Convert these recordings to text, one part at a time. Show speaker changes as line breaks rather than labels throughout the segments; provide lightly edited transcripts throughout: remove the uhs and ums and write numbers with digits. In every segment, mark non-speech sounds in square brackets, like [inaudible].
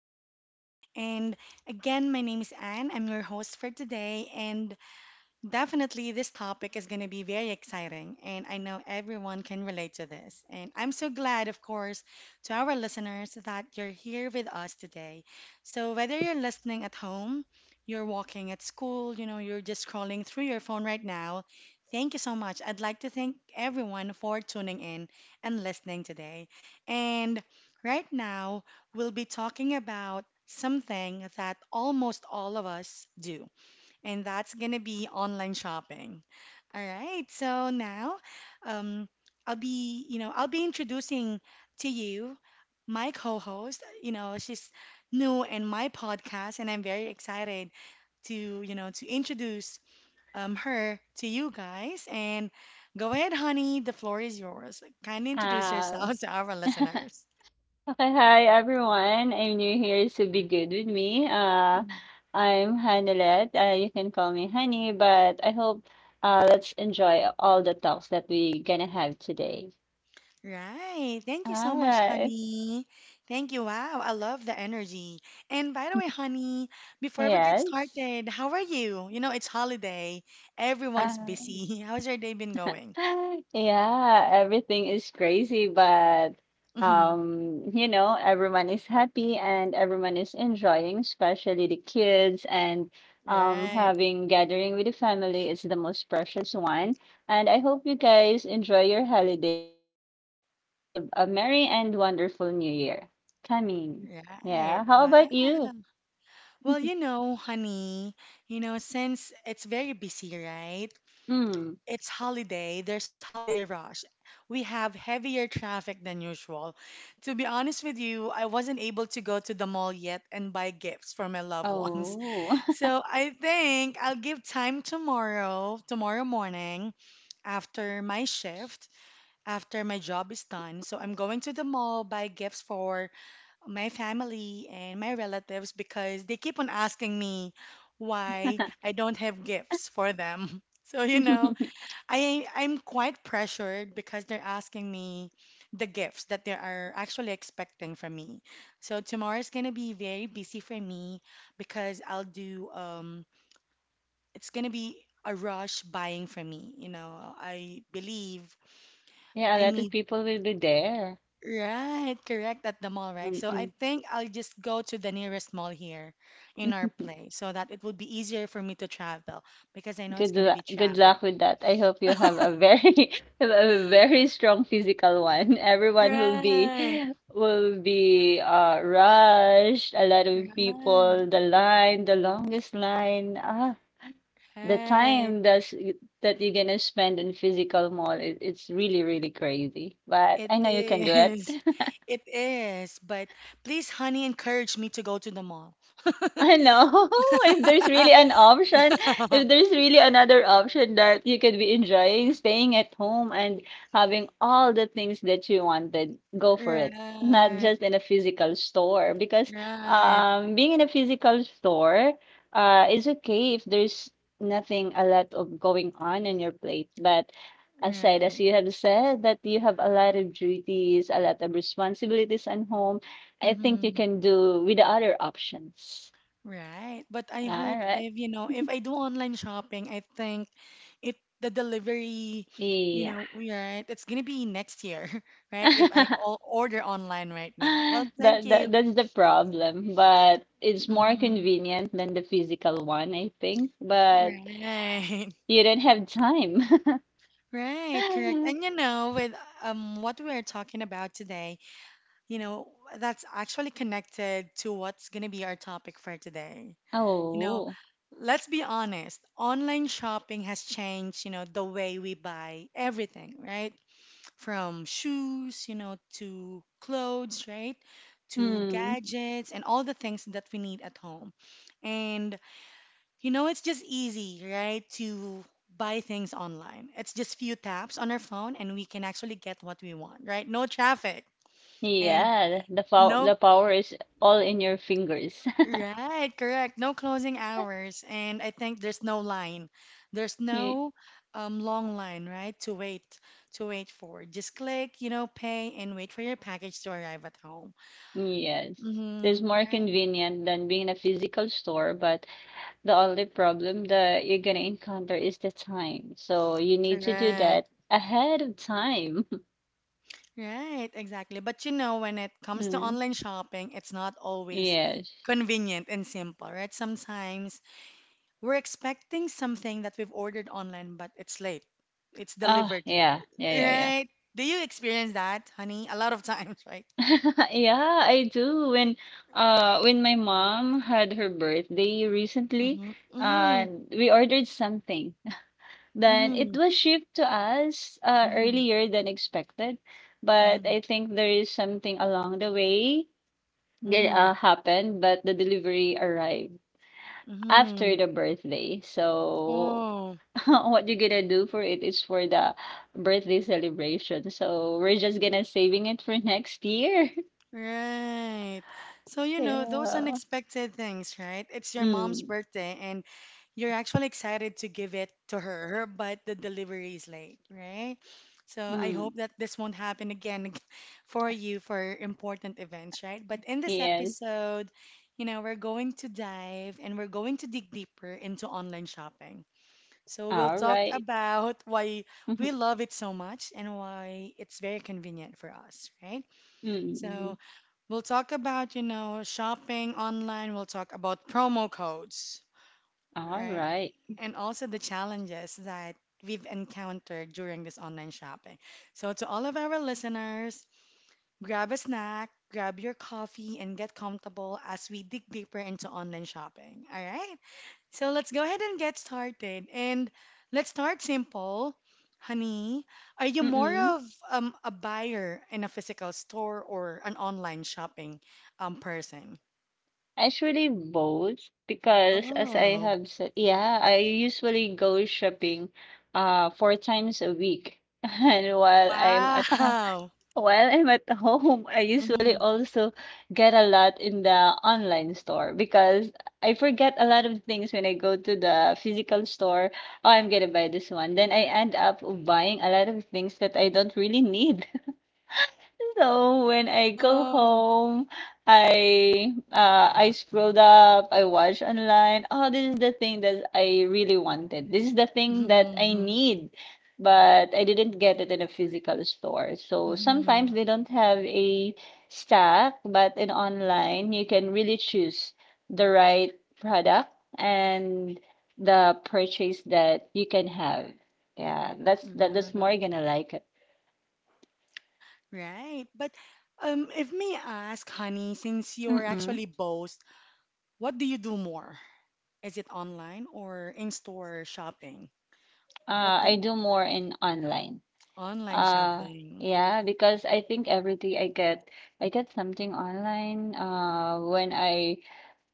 podcast. And again, my name is Anne. I'm your host for today, and definitely, this topic is going to be very exciting, and I know everyone can relate to this. And I'm so glad, of course, to our listeners that you're here with us today. So, whether you're listening at home, you're walking at school, you're just scrolling through your phone right now, thank you so much. I'd like to thank everyone for tuning in and listening today. And right now, we'll be talking about something that almost all of us do, and that's gonna be online shopping. All right, so now um, I'll be, I'll be introducing to you my co-host. You know, she's new in my podcast, and I'm very excited to, to introduce her to you guys. And go ahead, honey, the floor is yours. Kindly introduce
Ah,
yourselves [laughs] to our
[laughs]
listeners.
okay, hi everyone. I'm new here, so be good with me. I'm Hanelet. You can call me Honey, but I hope let's enjoy all the talks that we gonna have today.
Right. Thank you so
All
much,
right.
honey. Thank you. Wow, I love the energy. And by the way,
[laughs]
honey, before we get
Yes.
started, how are you? You know, it's holiday. Everyone's
Uh,
busy. [laughs] How's your day been going?
[laughs] Yeah, everything is crazy, but
[laughs]
you know, everyone is happy and everyone is enjoying, especially the kids and
Right.
having gathering with the family is the most precious one. And I hope you guys enjoy your holiday and we all have a merry and wonderful new year coming.
Right.
Yeah, how
Wow.
about you?
Well, you know, honey, you know, since it's very busy, right?
Mm.
It's holiday, there's holiday rush. We have heavier traffic than usual. To be honest with you, I wasn't able to go to the mall yet and buy gifts for my loved ones.
Oh.
[laughs] So I think I'll give time tomorrow, tomorrow morning after my shift, after my job is done. So I'm going to the mall, buy gifts for my family and my relatives because they keep on asking me why I don't have gifts for them. [laughs] So, you know,
[laughs]
I'm quite pressured because they're asking me the gifts that they are actually expecting from me. So tomorrow is gonna be very busy for me because I'll do it's gonna be a rush buying for me. You know, I believe
Yeah, a
I
lot of
need
people will be there.
right, correct at the mall, right? So I
Mm-mm.
think I'll just go to the nearest mall here in our
[laughs]
place so that it would be easier for me to travel because I know it's
Good
gonna be
luck good luck
traffic.
with that. I hope you have a very [laughs] a very strong physical one. Everyone will be
Right,
will be rushed. A lot of
right.
people, the line, the longest line. Ah, the
Right.
time that's that you're gonna spend in physical mall, it's really, really crazy. But
It
I know you can do it.
is. [laughs] It is. But please, honey, encourage me to go to the mall.
I know. [laughs] If there's really an
[laughs]
option, if there's really another option that you could be enjoying, staying at home and having all the things that you wanted, go for it. Not
Right,
just in a physical store, because
right,
being in a physical store is okay if there's nothing a lot of going on in your plate. But aside, as
right.
you have said, that you have a lot of duties, a lot of responsibilities at home, I think you
Hmm.
can do with the other options.
Right. But I hope
Alright.
if, you know, if I do online shopping, I think it the delivery, you
Yeah.
know, right, it's gonna be next year, [laughs] right? If I
[laughs]
all order online right now. Well, thank
That that
you.
that's the problem, but it's more
Hmm.
convenient than the physical one, I think, but
Right.
you don't have time.
Right, correct. And
[laughs]
you know, with what we're talking about today, you know, that's actually connected to what's going to be our topic for today. You know,
Oh.
let's be honest, online shopping has changed, you know, the way we buy everything, right? From shoes, you know, to clothes, right? To
hmm.
gadgets and all the things that we need at home. And you know, it's just easy, right, to buy things online. It's just few taps on our phone and we can actually get what we want, right? No traffic, and
Yeah,
no,
the power is all in your fingers.
right, correct. No closing hours, and I think there's no line. There's
[laughs] Ye
no long line, right, to wait for. Just click, you know, pay and wait for your package to arrive at home.
yes. It's
Mm-hmm,
more
right.
convenient than being in a physical store, but the only problem that you're gonna encounter is the time. So you need to do
Correct.
that ahead of time. [laughs]
Right, exactly. But you know, when it comes to
Mm,
online shopping, it's not always
yes.
convenient and simple, right? Sometimes we're expecting something that we've ordered online, but it's late. It's
Ah.
delivered late,
yeah. Yeah, yeah, yeah.
right? Do you experience that, honey? A lot of [laughs] times, right?
[laughs] Yeah, I do. When my mom had her birthday recently,
Mm-hmm. Mm-hmm.
uh we ordered something. Then it
Mm-hmm.
was shipped to us
Mm-hmm.
earlier than expected, but
Mm-hmm.
I think there is something along the way that
Mm-hmm.
happened, but the delivery arrived
Mm-hmm.
after the birthday. So
Oh.
[laughs] what you're gonna do for it is for the birthday celebration. So we're just gonna saving it for next year.
Right. So,
[laughs]
you know, those
yeah.
unexpected things, right? It's your mom's
Mm.
birthday and you're actually excited to give it to her, but the delivery is late, right? So, I
Mm.
hope that this won't happen again [laughs] for you for important events, right? But in this
Yes.
episode, you know, we're going to dive and we're going to dig deeper into online shopping. So, we'll
All
talk
right.
about why we
[laughs]
love it so much and why it's very convenient for us, right?
Mm.
So, we'll talk about, you know, shopping online. We'll talk about promo codes,
All
right?
right.
And also the challenges that we've encountered during this online shopping. So, to all of our listeners, grab a snack, grab your coffee, and get comfortable as we dig deeper into online shopping. All right? So let's go ahead and get started. And let's start simple. Honey, are you more
Mm-mm.
of a buyer in a physical store or an online shopping person?
Actually, both because as I
Oh,
have said, yeah, I usually go shopping four times a week. [laughs] And while I'm at home,
wow.
While I'm at home, I
[laughs]
usually
Hmm.
also get a lot in the online store because I forget a lot of things when I go to the physical store. Oh, I'm gonna buy this one. Then I end up buying a lot of things that I don't really need. So when I go
Oh,
home, I scrolled up, I watched online. Oh, this is the thing that I really wanted. This is the thing that I
hmm.
need, but I didn't get it in a physical store. So
Hmm.
sometimes they don't have a stack, but in online you can really choose the right product and the purchase that you can have. Yeah, that's more gonna like it.
Right. But if may ask, honey, since you're
Mm-mm.
actually both, what do you do more? Is it online or in-store shopping? What do,
I do more in online.
online
Uh,
shopping.
yeah, because I think every day I get something online. Uh, when I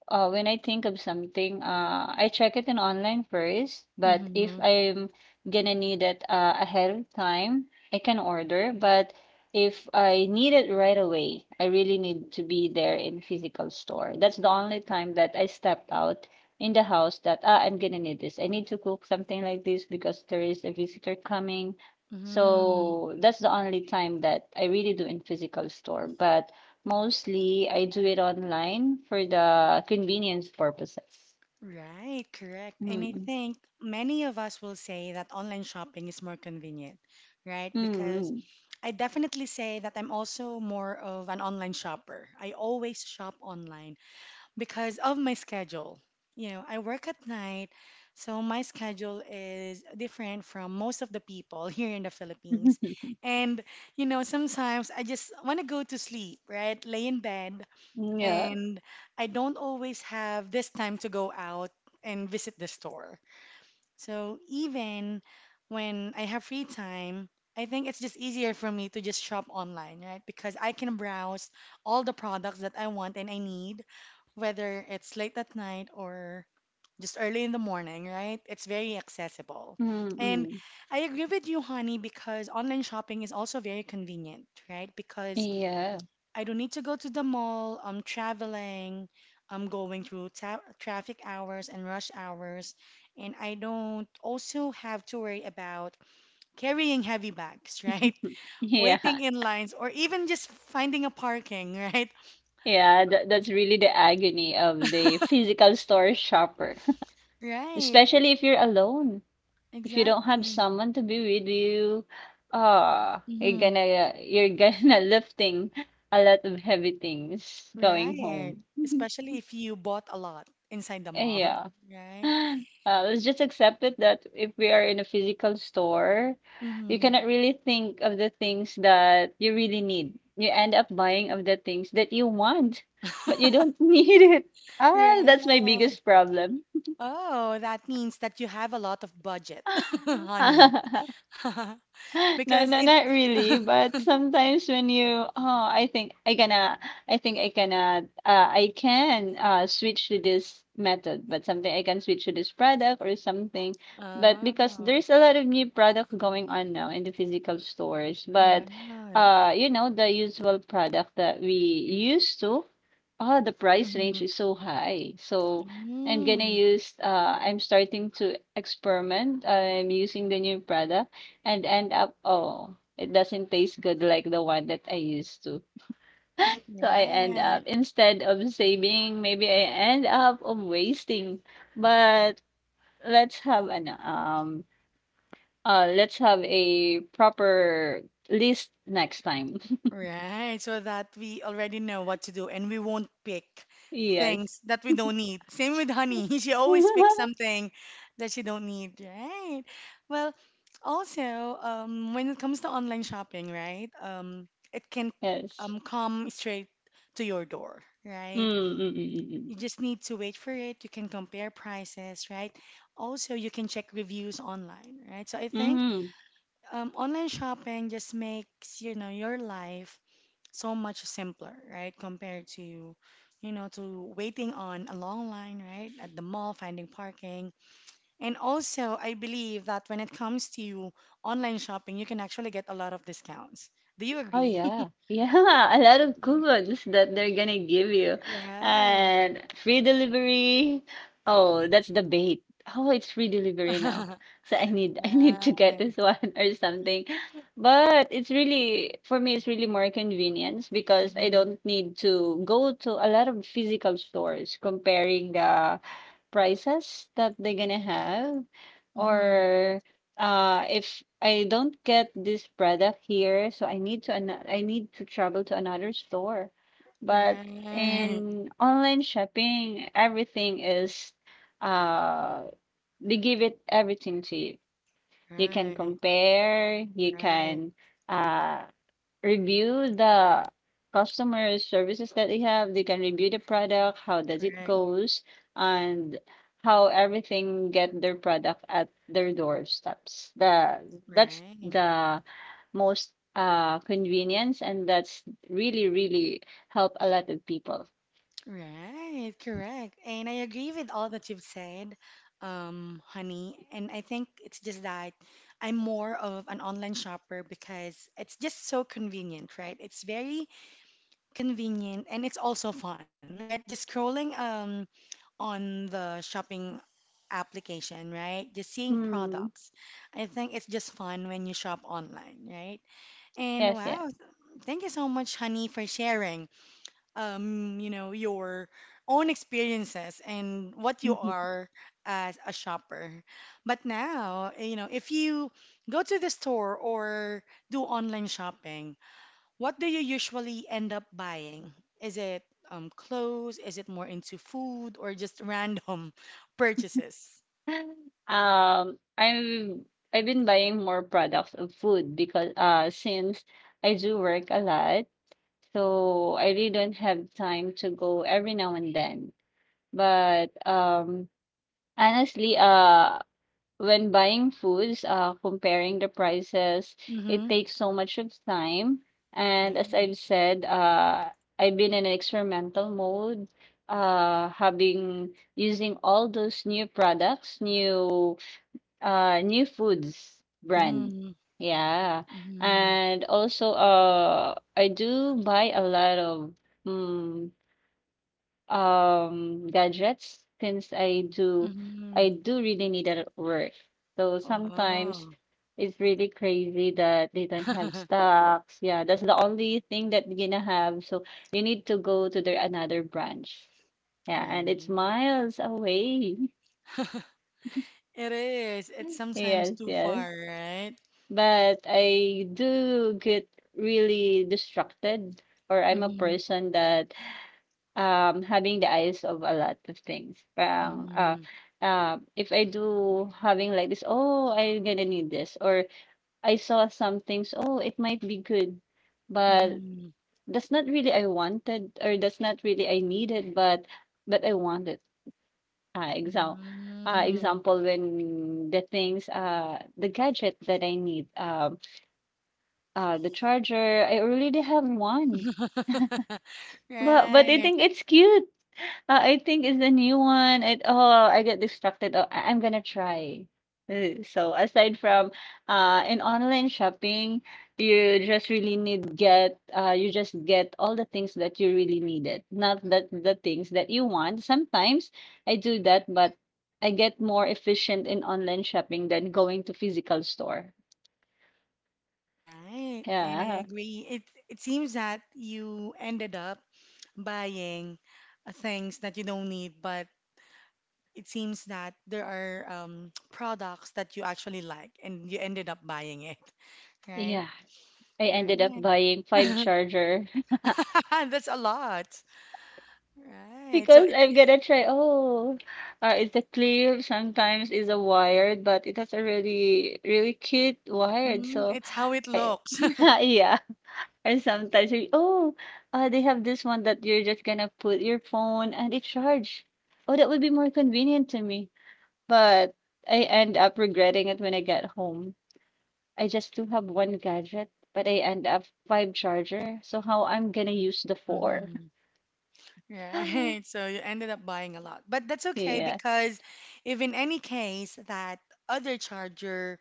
uh, when I think of something, I check it in online first. But if
Mm-hmm.
I'm gonna need it ahead of time, I can order. But if I need it right away, I really need to be there in physical store. That's the only time that I stepped out in the house that ah, I'm gonna need this. I need to cook something like this because there is a visitor coming.
Mm-hmm.
So that's the only time that I really do in physical store. But mostly, I do it online for the convenience purposes.
Right, correct. And I
Mm,
think many of us will say that online shopping is more convenient, right? Because
mm.
I definitely say that I'm also more of an online shopper. I always shop online because of my schedule. You know, I work at night, so my schedule is different from most of the people [laughs] here in the Philippines.
[laughs]
And, you know, sometimes I just want to go to sleep, right? Lay in bed
Yeah.
and I don't always have this time to go out and visit the store. So even when I have free time, I think it's just easier for me to just shop online, right? Because I can browse all the products that I want and I need, whether it's late at night or just early in the morning, right? It's very accessible. And
Mm-mm.
I agree with you, honey, because online shopping is also very convenient, right? Because
Yeah.
I don't need to go to the mall. I'm traveling. I'm going through ta traffic hours and rush hours. And I don't also have to worry about carrying heavy bags, [laughs] right?
[laughs] Yeah.
Waiting in lines or even just finding a parking, [laughs] right?
Yeah, that's really the agony of the physical store shopper. [laughs]
Right,
Especially if you're alone. If you don't have
exactly.
someone to be with you, ah,
Hmm.
you're gonna [laughs] lifting a lot of heavy things going
Right.
home. [laughs]
Especially if you bought a lot inside the mall,
Yeah.
[laughs] right?
[laughs] Let's just accept it that if we are in a physical store, you
Hmm.
cannot really think of the things that you really need. You end up buying of the things that you want, but you don't [laughs] need it. Ah, that's my
Right.
biggest problem.
Oh, that means that you have a lot of budget, [laughs] honey.
[laughs]
[laughs]
[laughs] No,
Because
no,
if
not really.
[laughs]
But sometimes when you, oh, I think I gonna, I think I gonna, I can switch to this method, but something I can switch to this product or something. But because
Oh,
there's a lot of new products going on now in the physical stores, but
right.
you know, the usual product that we used to, oh, the price range
Mhm.
is so high. So
Mm,
I'm starting to experiment. I'm using the new product and end up, oh, it doesn't taste good like the one that I used to. So I end up,
right.
instead of saving, maybe I end up of wasting. But let's have an um let's have a proper list next time.
Right. So that we already know what to do and we won't pick
[laughs] yes.
things that we don't need. Same with honey. [laughs] She always picks
[laughs]
something that she don't need, right? Well, also, when it comes to online shopping, right? It can
yes.
come straight to your door,
Mm,
right?
mm, mm, mm, mm.
You just need to wait for it. You can compare prices, right? Also, you can check reviews online, right? So I think
Mm.
online shopping just makes, you know, your life so much simpler, right? Compared to, you know, to waiting on a long line, right? At the mall, finding parking. And also, I believe that when it comes to online shopping, you can actually get a lot of discounts. Do you
Oh,
agree?
yeah. Yeah, [laughs] a lot of
[laughs]
coupons that they're gonna give you.
Right.
And free delivery. Oh, that's the bait. Oh, it's free delivery now.
[laughs]
So I need [laughs] I need to get
Right.
this [laughs] one or something. But it's really for me it's really more convenience because I
Mm-hmm.
don't need to go to a lot of physical stores comparing the prices that they're gonna have
Mm-hmm.
or if I don't get this product here so I need to I need to travel to another store but
Right,
in online shopping everything is uh they give it everything to you you can
right,
compare you
right,
can uh review the customer services that they have. They can review the product, how does it
right,
goes, and how everything get their product at their doorsteps. The That's
right,
the most convenience and that's really really help a lot of people.
right, correct. And I agree with all that you've said, honey. And I think it's just that I'm more of an online shopper because it's just so convenient, right? It's very convenient and it's also fun, right? Just scrolling on the shopping application, right? Just seeing
Hmm.
products. I think it's just fun when you shop online, right? And
Yes, yeah.
wow, thank you so much, honey, for sharing, you know, your own experiences and what you are as a shopper. But now, eh, you know, if you go to the store or do online shopping, what do you usually end up buying? Is it clothes? Is it more into food or just random [laughs] purchases?
[laughs] I'm I've been buying more products of food because since I do work a lot. So I really don't have time to go every now and then. But honestly, when buying foods, comparing the prices, it
Mm-hmm.
takes so much of time. And as
Right.
I've said, I've been in an experimental mode, having using all those new products, new New Foods brand.
Mm-hmm.
Yeah.
Mm-hmm.
And also, I do buy a lot of mm, gadgets since
Mm-hmm.
I do really need it at work. So sometimes it's really crazy that they don't have
Oh. [laughs]
stocks. Yeah, that's the only thing that you're gonna have. So you need to go to their another branch. Yeah, and it's
Right.
miles away. [laughs]
[laughs] It is. It's sometimes
Yes,
too
yes.
far, right?
But I do get really distracted or I'm a
Mm-hmm.
person that having the eyes of a lot of things. Parang
Mm-hmm.
if I do having like this, oh I'm gonna need this or I saw some things, oh it might be good, but
Mm-hmm.
that's not really I wanted or that's not really I needed, but I wanted. Uh, example, example when the things the gadget that I need the charger, I already have one.
Mm-hmm. [laughs]
But I
Right.
think it's cute. I think it's the new one. It oh, I get distracted. Oh, I'm gonna try. So aside from in online shopping, you just really need get you just get all the things that you really needed, not that the things that you want. Sometimes I do that, but I get more efficient in online shopping than going to physical store.
Right. And I
Yeah.
agree. It seems that you ended up buying things that you don't need, but it seems that there are [tsk] products that you actually like and you ended up buying it. Right?
Yeah. I ended up
Right.
buying 5
[laughs]
charger
That's a lot.
[laughs]
Right. So
because
it
I'm gonna try, oh, it's a clip, sometimes it's a wired, but it has a really, really cute wired.
Mm,
So
it's how it
I,
looks.
[laughs] yeah. And sometimes, oh, they have this one that you're just gonna put your phone and it charge. Oh, that would be more convenient to me. But I end up regretting it when I get home. I just do have one gadget, but I end up five charger. So how I'm gonna use the
[laughs]
four?
Hmm.
[gasps]
Right.
[laughs]
So you ended up buying a lot. But that's okay
Yeah.
because if in any case that other charger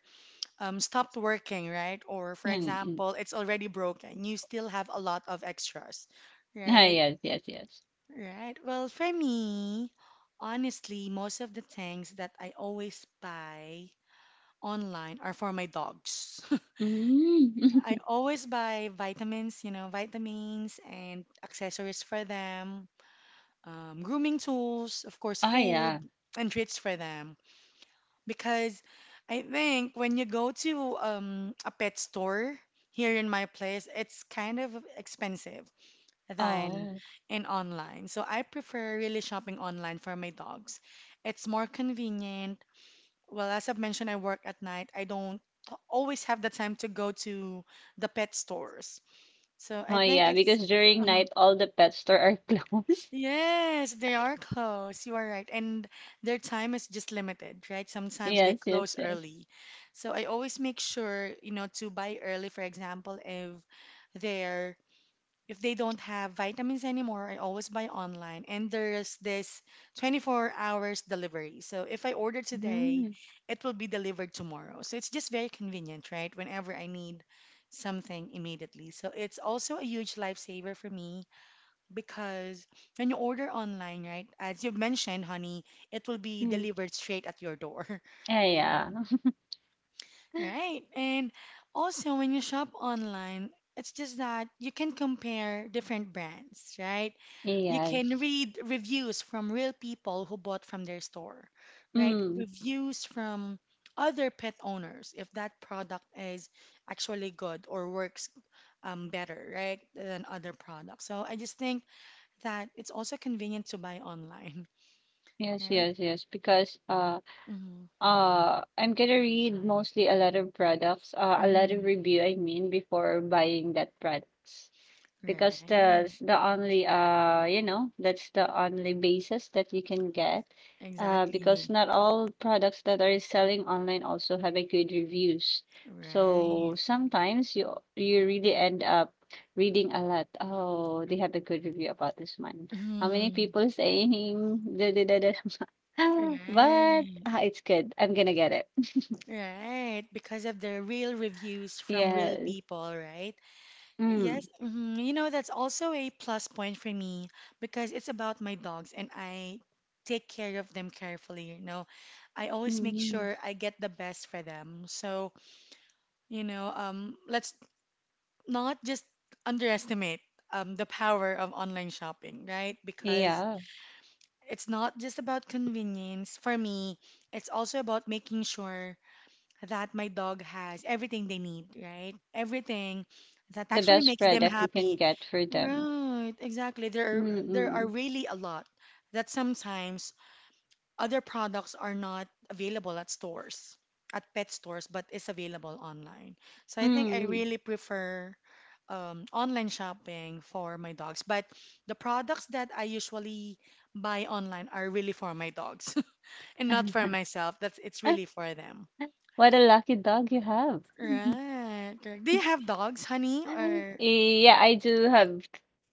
stopped working, right? Or for
Mm, mm.
example, it's already broken, you still have a lot of extras,
Ah,
right?
yes, yes, yes.
Right. Well, for me, honestly, most of the things that I always buy online are for my dogs. [laughs]
Mm.
I
[laughs]
always buy vitamins, you know, vitamins and accessories for them, grooming tools, of course,
Oh,
food
yeah.
and treats for them. Because I think when you go to a pet store here in my place, it's kind of expensive than
Oh.
in online. So I prefer really shopping online for my dogs. It's more convenient. Well, as I've mentioned, I work at night. I don't always have the time to go to the pet stores. So I
Oh,
think
yeah,
it's
because during
uh-huh.
night, all the pet store are [laughs] closed.
Yes, they are closed. You are right. And their time is just limited, right? Sometimes they
Yes, yes,
close
yes.
early. So I always make sure, to buy early. For example, they're if they don't have vitamins anymore, I always buy online. And there's this 24 hours delivery. So if I order today,
Mm.
it will be delivered tomorrow. So it's just very convenient, right? Whenever I need something immediately. So it's also a huge lifesaver for me because when you order online, right, as you mentioned, honey, it will be
Mm.
delivered straight at your door.
Ah,
[laughs]
yeah.
Right. Right. And also, when you shop online, it's just that you can compare different brands, right? You can
Yes.
read reviews from real people who bought from their store, right?
Mm.
Reviews from other pet owners if that product is actually good or works better, right, than other products. So I just think that it's also convenient to buy online, [laughs]
Yes,
right?
yes, yes. Because
Mm-hmm.
I'm gonna read mostly a lot of products, a lot of
Mm-hmm.
review I mean before buying that products. Because that's
Right.
the only that's the only basis that you can get. Because
Exactly.
not all products that are selling online also have a good reviews, so
Right.
sometimes you really end up reading a lot. Oh, they have a good review about this one, how many
Mm,
people saying [laughs] da, da, da, da. [laughs]
right,
But it's good, I'm gonna get it.
right. Because of the real reviews
[laughs]
from real
Yes.
people, right? Yes,
Mm.
mhm. You know, that's also a plus point for me because it's about my dogs and I take care of them carefully, you know. I always make
Hmm.
sure I get the best for them. So, let's not just underestimate the power of online shopping, right? Because
Yeah,
it's not just about convenience. For me, it's also about making sure that my dog has everything they need, right? Everything that
the
actually
best
makes them
product you can
happy.
get for them.
Right, exactly. There are
Mm,
really a lot that sometimes other products are not available at stores, at pet stores, but is available online. So I think I
mm.
really prefer online shopping for my dogs. But the products that I usually buy online are really for my dogs [laughs] and not for myself. That's It's
Ah,
really for them.
what a lucky dog you have. [laughs]
Right, correct. Do you have dogs, honey? Or
Yeah, I do have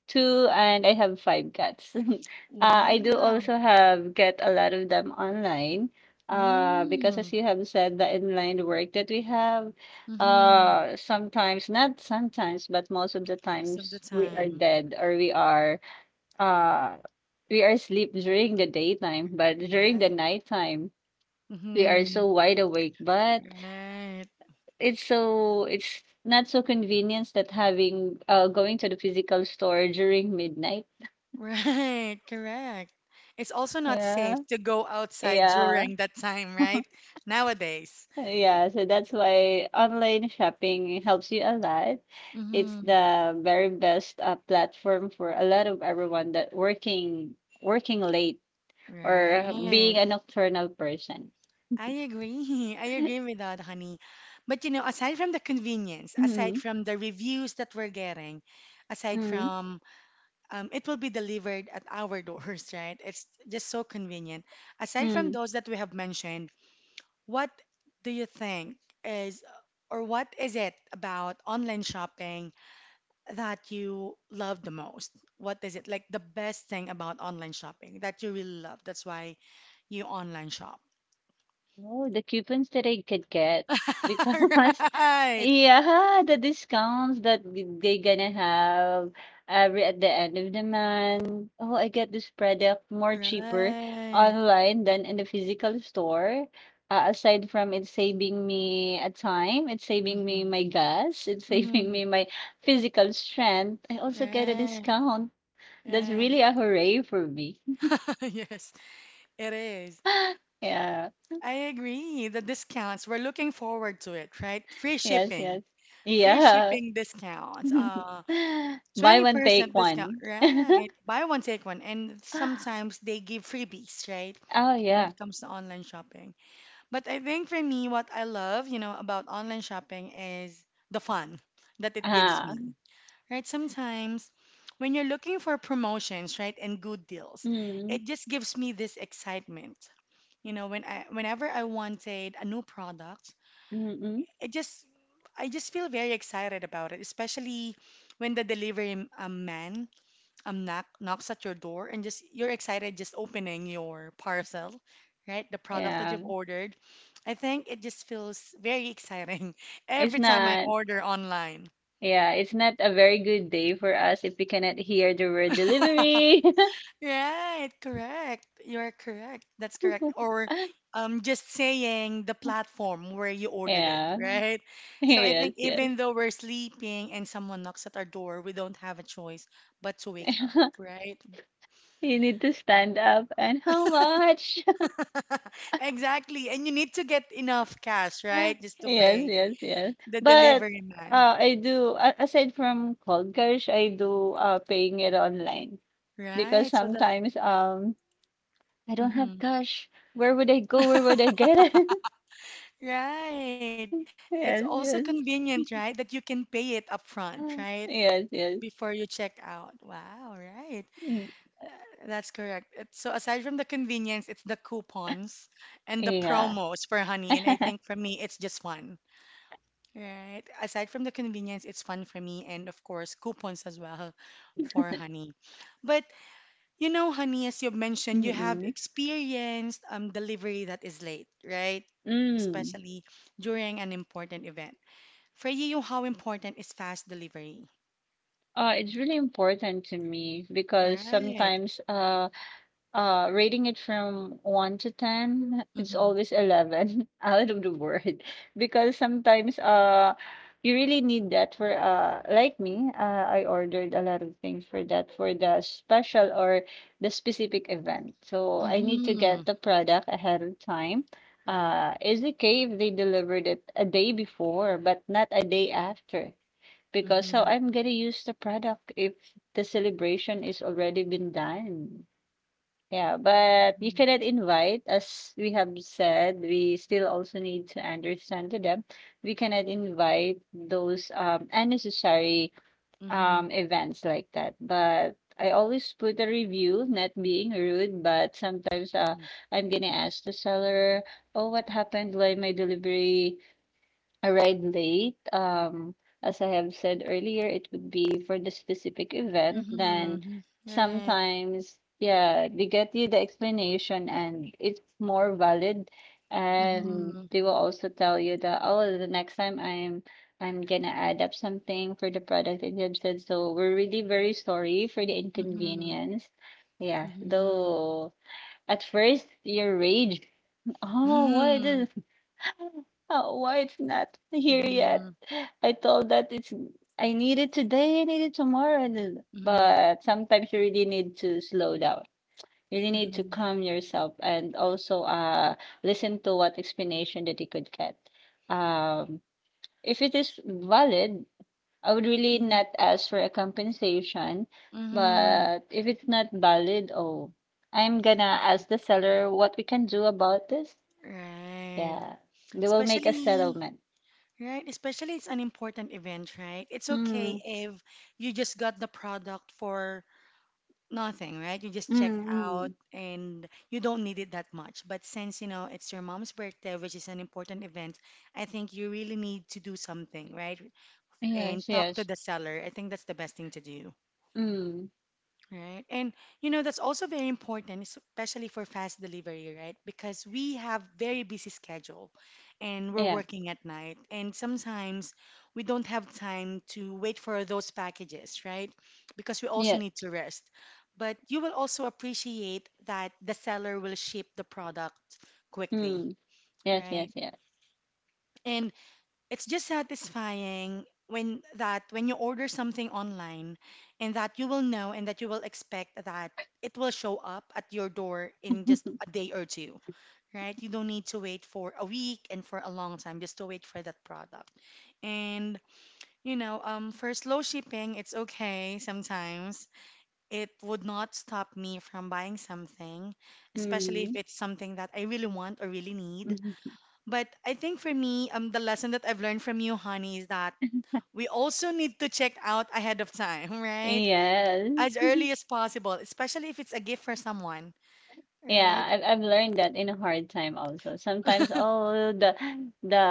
two and I have five cats. [laughs] I do
wow.
also have get a lot of them online. Because as
Mm.
you have said, the inline work that we have,
Mm-hmm.
sometimes, not sometimes, but most of the
Most of the
times we are
time.
dead or uh, we are asleep during the daytime, but during the
Right.
nighttime, we are
Mm-hmm.
so wide awake. But
Right.
it's not so convenient that having going to the physical store during midnight.
Right, correct. It's also not safe
Yeah.
to go outside
Yeah.
during that time, right? Nowadays.
Yeah. So that's why online shopping helps you a lot. It's
Mm-hmm.
the very best platform for a lot of everyone that working late or being
Right.
a nocturnal person.
I agree. [laughs] I agree with that, honey. But you know, aside from the convenience, aside
Mm-hmm.
from the reviews that we're getting, aside
Mm-hmm.
from it will be delivered at our [laughs] doors, right? It's just so convenient. Aside from those that we have mentioned, what do you think is, or what is it about online shopping that you love the most? What is it like the best thing about online shopping that you really love? That's why you online shop.
Oh, the coupons that I could get because
[laughs]
[laughs]
Right.
yeah, the discounts that they gonna have every at the end of the month. Oh, I get this product more cheaper
Right.
online than in the physical store. Aside from it saving me a time, it's saving me
Mm-hmm.
my gas, [laughs] it's saving
Mm-hmm.
me my physical strength. I also get a
Right.
discount. That's
Right.
really a hooray for me.
[laughs] Yes, it is.
[laughs] Yeah.
I agree. The discounts, we're looking forward to it, right? Free
Yes,
shipping.
yes.
Free
Yeah.
shipping discounts.
[laughs] Buy one,
20%
take
discount,
one.
right? Buy one, take one. And
[gasps]
sometimes they give freebies, right?
Oh,
When
yeah.
it comes to online shopping. But I think for me, what I love, you know, about online shopping is the fun that it gives
Ah.
me, right? Sometimes when you're looking for promotions, right, and good deals,
Mm.
it just gives me this excitement. You know, whenever I wanted a new product,
Mm-mm.
it just I just feel very excited about it, especially when the delivery man knocks at your door and just you're excited just opening your parcel, right? The product that
Yeah.
you've ordered. I think it just feels very exciting [laughs]
It's
every time I
not
order online.
Yeah, it's not a very good day for us if we cannot hear the word delivery.
Right, correct. You're correct. That's correct. Or
[laughs]
just saying the platform where you ordered it,
Yeah.
right?
[laughs]
So I
Yes,
think
yes.
even though we're sleeping and someone knocks at our door, we don't have a choice but to wake up,
[laughs]
right?
You need to stand up and how much?
[laughs] Exactly. And you need to get enough cash, right?
[laughs]
Just to
Yes,
pay
yes, yes.
the
But
delivery man.
I do aside from cold cash, I do paying it online because
Right. So that,
sometimes I don't have
mhm.
cash. Where would I go? Where would I get it?
Right.
[laughs]
It's
Yes,
also
yes.
convenient, right? That you can pay it upfront,
[laughs]
right?
Yes, yes.
Before you check out. Wow, right.
Mm.
That's correct. So aside from the convenience, it's the coupons and the
Yeah.
promos for Honey. And I think
[laughs]
for me, it's just fun. Right. Aside from the convenience, it's fun for me. And of course, coupons as well [laughs] for Honey. But you know, honey, as you mentioned, you have
Mm-mm.
experienced delivery that is late, right?
Mm.
Especially during an important event. For you, how important is fast delivery?
It's really important to me because
Right.
sometimes. Rating it from 1 to 10, it's
Mm-hmm.
always 11 [laughs] out of the board. [laughs] Because sometimes you really need that for like me. I ordered a lot of things for that, for the special or the specific event. So I need to
Mm-hmm.
get the product ahead of time.
Right.
It's okay if they delivered it a day before, but not a day after, because so
Mm-hmm.
I'm gonna use the product if the celebration is already been done. Yeah, but you cannot invite, as we have said, we still also need to understand to them. We cannot invite those unnecessary
Mm-hmm.
events like that. But I always put a review, not being rude, but sometimes,
Mm-hmm.
I'm gonna ask the seller, "Oh, what happened? Why my delivery arrived late, as I have said earlier, it would be for the specific event." Then
Mm-hmm. Right.
sometimes, yeah, they get you the explanation and it's more valid. And
Mm-hmm.
they will also tell you that, oh, the next time I'm gonna add up something for the product that you have said. So we're really very sorry for the
Mm-hmm.
inconvenience. Yeah,
Mm-hmm. Mm-hmm.
though at first you rage. [laughs] Oh, what
Mm-hmm.
is— Oh, why it's not here yet? I thought that it's I need it today, I need it tomorrow. And then— but sometimes you really need to slow down. You really need to
Mm-hmm.
calm yourself and also listen to what explanation that you could get. Um, if it is valid, I would really
Mm-hmm.
not ask for a compensation.
Mm-hmm.
But if it's not valid, oh, I'm gonna ask the seller what we can do about this.
Right.
Yeah, they will make a
Especially
settlement.
right, especially it's an important event, right? It's okay
Mm,
if you just got the product for nothing, right? You just check
mm,
out
mm.
and you don't need it that much. But since, you know, it's your mom's birthday, which is an important event, I think you really need to do something, right? And
Yes,
talk to
yes.
the seller. I think that's the best thing to do.
Mm,
Right. And you know, that's also very important, especially for fast delivery, right? Because we have very busy schedule and we're
yeah,
working at night and sometimes we don't have time to wait for those packages, right? Because we also need
yes.
to rest. But you will also appreciate that the seller will ship the product quickly,
Mm, yes, yes,
right?
yes.
And it's just satisfying when that when you order something online and that you will know and that you will expect that it will show up at your door in just a
[laughs]
day or two, right? You don't need to wait for a week and for a long time just to wait for that product. And you know, for slow shipping, it's okay sometimes. It would not stop me from buying something, especially if
Mm,
it's something that I really want or really need.
mhm.
But I think for me, the lesson that I've learned from you, honey, is that we also need to check out ahead of time, [laughs] right?
Yes.
As early as possible, especially if it's a gift for someone,
Yeah,
right?
I've learned that in a hard time also. Sometimes, oh, the [gasps] the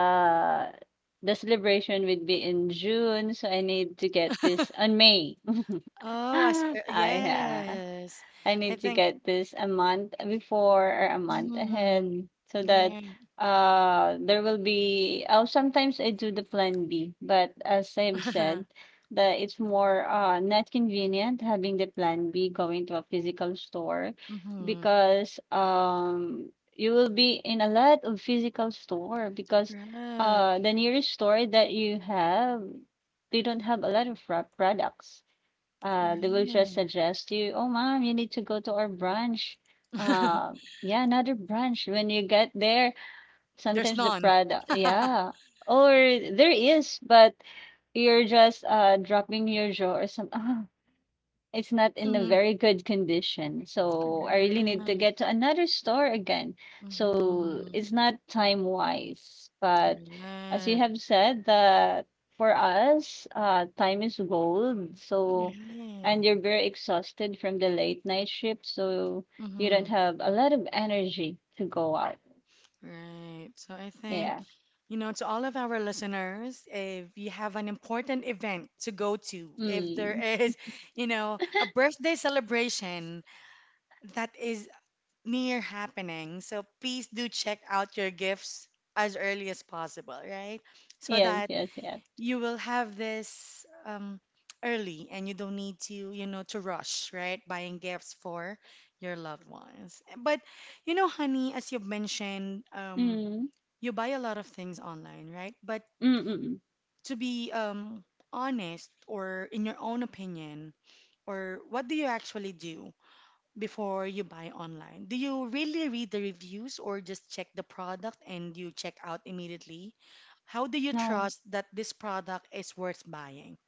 the celebration would be in June, so I need to get this on May. [laughs]
Oh,
I
yes.
I
I
need to
think,
get this a month before or a month ahead,
mm,
so that
right.
there will be— oh, sometimes I do the plan B, but as I've said,
[laughs]
that it's more not convenient having the plan B going to a physical store,
hmm
because you will be in a lot of physical store, because
Right,
the nearest store that you have, they don't have a lot of products. They will just
right.
suggest you, oh, mom, you need to go to our branch. Uh,
[laughs]
yeah, another branch. When you get there,
There's
sometimes the
none.
product, yeah. Or there is, but you're just dropping your jaw or some. [laughs] It's not in a
Mhm.
very good condition. So I really need to
Right.
get to another store again. So
hmm
it's not time wise. But as you
Right.
have said, that for us, time is gold. So,
Right.
and you're very exhausted from the late night shift. So you
hmm
don't have a lot of energy to go out.
Right. So I think,
Yeah.
you know, to all of our listeners, if you have an important event to go to, if there
Mm.
is, you know, a birthday celebration that is near happening, so please do check out your gifts as early as possible, right? So
Yes,
that
yes, yes.
you will have this early and you don't need to, you know, to rush, right? Buying gifts for your loved ones. But, you know, honey, as you've mentioned,
Mm.
you buy a lot of things online, right? But
Mm-mm.
to be honest, or in your own opinion, or what do you actually do before you buy online? Do you really read the reviews or just check the product and you check out immediately? How do you
No.
trust that this product is worth buying?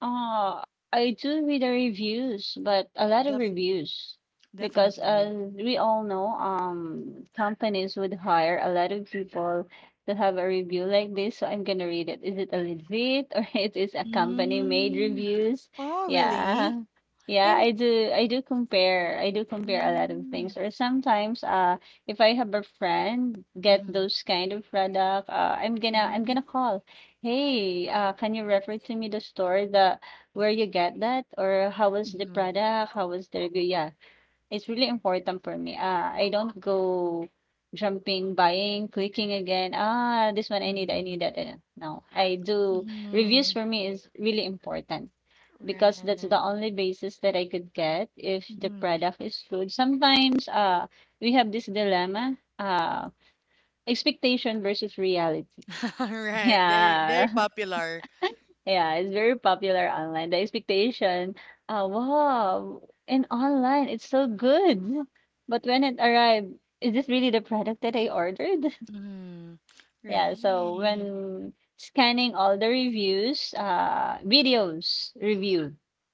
Uh, I do read the reviews, but a lot of
Definitely.
reviews, because as
Definitely.
we all know, companies would hire a lot of people to have a review like this. So I'm gonna read it. Is it a legit [laughs] or it is a company made
Mm.
reviews?
Oh, really?
Yeah. Yeah,
And
I do compare. I do compare a lot of
mm,
things. Or sometimes, if I have a friend get
mm-hmm,
those kind of product, I'm
mm-hmm,
gonna call. Hey, can you refer to me the store the where you get that, or how was the product? How was the review? Yeah, it's really important for me. I don't go jumping, buying, clicking again. Ah, this one I need
mm-hmm,
that. No, I do— reviews
mm-hmm,
for me is really important, because that's
right.
the only basis that I could get if the
Mhm.
product is good. Sometimes We have this dilemma, expectation versus reality. [laughs]
[laughs] Right. Very,
Yeah.
very popular.
Yeah, it's very popular online. The expectation, wow, in online, it's so good. [laughs] But when it arrived, is this really the product that I ordered? [laughs]
Mm,
Yeah, so
right.
when scanning all the reviews, videos review,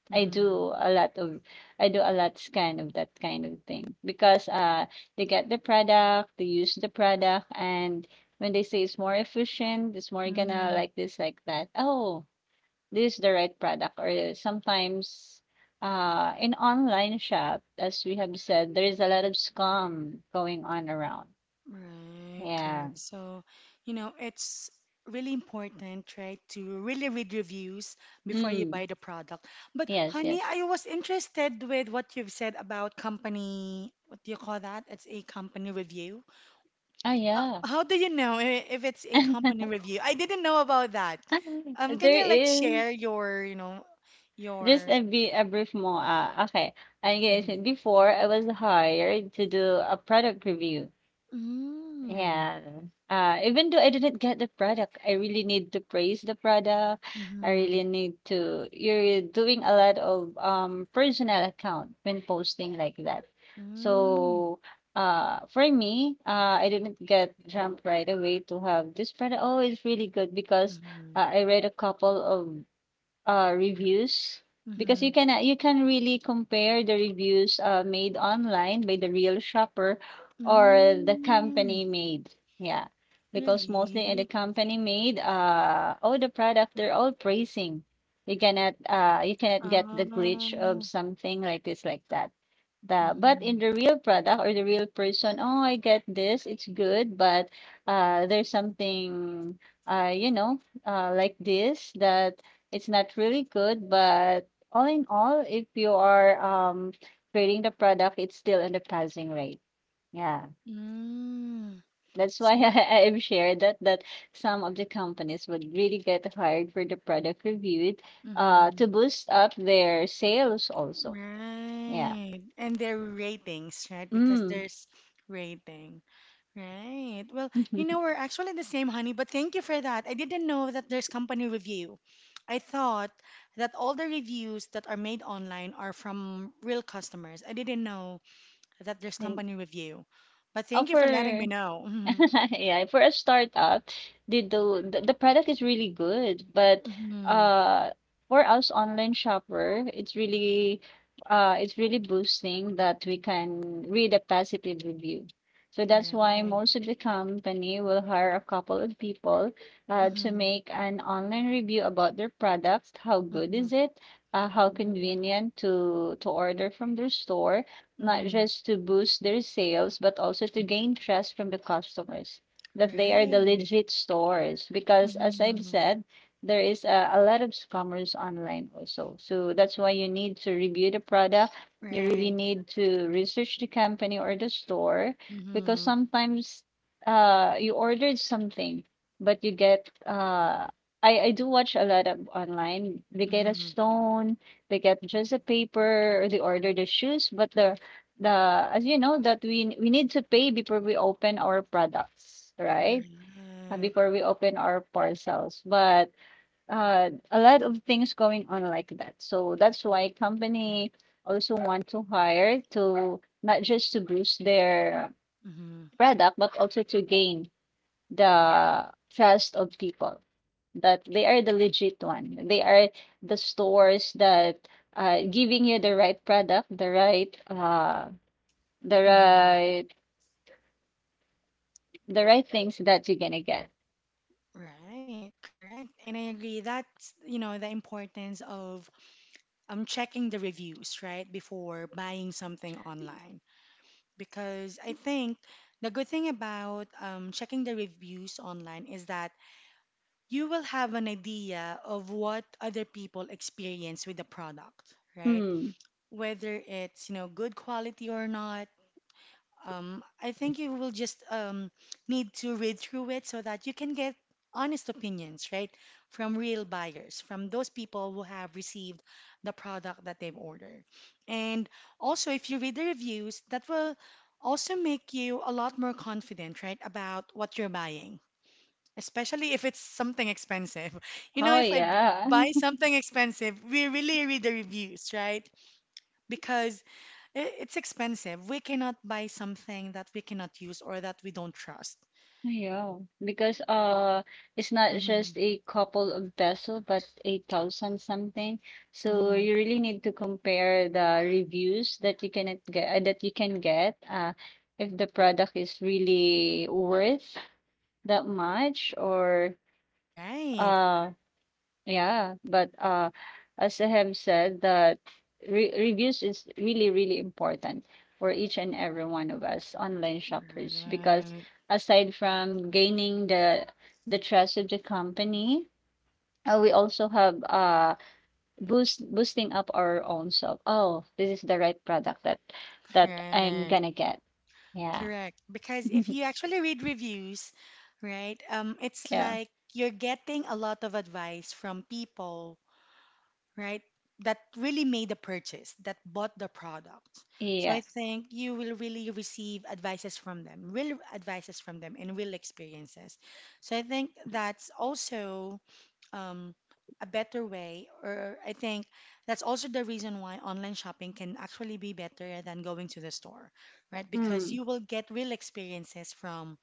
I
Mm-hmm.
do a lot of, I do a lot scan of that kind of thing, because they get the product, they use the product, and when they say it's more efficient, it's more gonna
Mm-hmm.
like this, like that. Oh, this is the right product. Or sometimes, in online shop, as we have said, there is a lot of scam going on around.
Right.
Yeah.
Correct. So, you know, it's really important, right, to really read reviews before you
Mm.
buy the product. But,
Yes,
honey,
yes.
I was interested with what you've said about company, what do you call that? It's a company review.
Oh, yeah.
How do you know if it's a company review? I didn't know about that.
[laughs]
Can
There
you like share
is—
your, you know,
just
your
a, be a brief more— okay, I guess
Mhm.
before I was hired to do a product review.
Mm.
Yeah. Even though I didn't get the product, I really need to praise the product. I
Mhm.
really need to. You're doing a lot of personal account when posting like that.
Mm.
So, for me, I didn't get jump right away to have this product. Oh, it's really good because
Mhm.
I read a couple of reviews, because
Mhm.
you can really compare the reviews made online by the real shopper or the company
Mm.
made. Yeah, because mostly in the
Really?
company made, all the product they're all praising. You cannot get the glitch of
Oh.
something like this like that. The— but in
Mhm.
the real product or the real person, oh, I get this, it's good, but there's something uh you know like this, that it's not really good, but all in all, if you are creating the product, it's still in the passing rate. Yeah.
Mm.
That's why [laughs]
So,
I've shared that that some of the companies would really get hired for the product reviewed to
mhm.
boost up their sales also. Yeah.
Right. And their ratings, right? Because
Mm.
there's rating. Right. Well, you know,
[laughs]
we're actually the same, honey, but thank you for that. I didn't know that there's company review. I thought that all the reviews that are made online are from real customers. I didn't know that there's
Yes.
company review. But
Oh,
thank you for letting me
for—
know. Hmm
[laughs] yeah, for a startup, the product is really good, but
hmm
uh for us online shopper, it's really boosting that we can read a positive review. So that's why
Right.
most of the company will hire a couple of people to
hmm
make an online review about their products. How good
hmm
is it? How convenient to order from their store, not
hmm
just to boost their sales, but also to gain trust from the customers that they are the
Right.
legit stores. Because as I've
hmm
said, there is a lot of scammers online also. So that's why you need to review the product. You really
Right.
need to research the company or the store, because
hmm
sometimes, you ordered something, but you get I do watch a lot of online. They get a
hmm
stone, they get just a paper, or they order the shoes, but the as you know that we need to pay before we open our products, right?
Right.
Before we open our parcels, but a lot of things going on like that, so that's why company also want to hire to not just to boost their
hmm
product, but also to gain the trust of people that they are the legit one, they are the stores that giving you the right product, the right the
hmm
right, the right things that you're gonna get.
Right, correct. And I agree that's, you know, the importance of checking the reviews, right, before buying something online. Because I think the good thing about checking the reviews online is that you will have an idea of what other people experience with the product, right?
Hmm.
Whether it's, you know, good quality or not I think you will just need to read through it so that you can get honest opinions, right, from real buyers, from those people who have received the product that they've ordered. And also, if you read the reviews, that will also make you a lot more confident, right, about what you're buying, especially if it's something expensive. [laughs] You know,
Oh
if I
yeah.
buy
[laughs]
something expensive, we really read the reviews, right? Because it's expensive. We cannot buy something that we cannot use or that we don't trust.
Yeah. Because it's not
Mm-hmm.
just a couple of peso but a thousand something. So
Mm-hmm.
you really need to compare the reviews that you cannot get that you can get if the product is really worth that much, or
Right.
uh yeah, but as I have said, that re reviews is really, really important for each and every one of us online shoppers, because
Right.
aside from gaining the trust of the company, we also have boosting up our own self. Oh, this is the right product that that I'm
Right.
gonna get. Yeah.
Correct. Because if
[laughs]
you actually read reviews, right, it's
Yeah.
like you're getting a lot of advice from people, right? That really made the purchase, that bought the product. So I
Yeah.
think you will really receive advices from them, real advices from them, and real experiences. So I think that's also um, a better way, or I think that's also the reason why online shopping can actually be better than going to the store, right? Because
Hmm.
you will get real experiences from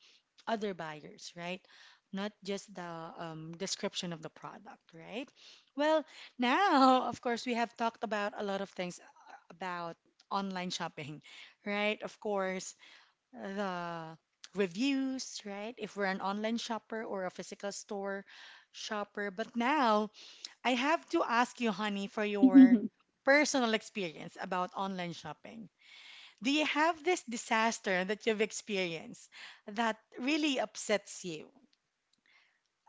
other buyers, right? Not just the description of the product, right? Well, now, of course, we have talked about a lot of things about online shopping, right? Of course, the reviews, right? If we're an online shopper or a physical store shopper. But now, I have to ask you, honey, for your
[laughs]
personal experience about online shopping. Do you have this disaster that you've experienced that really upsets you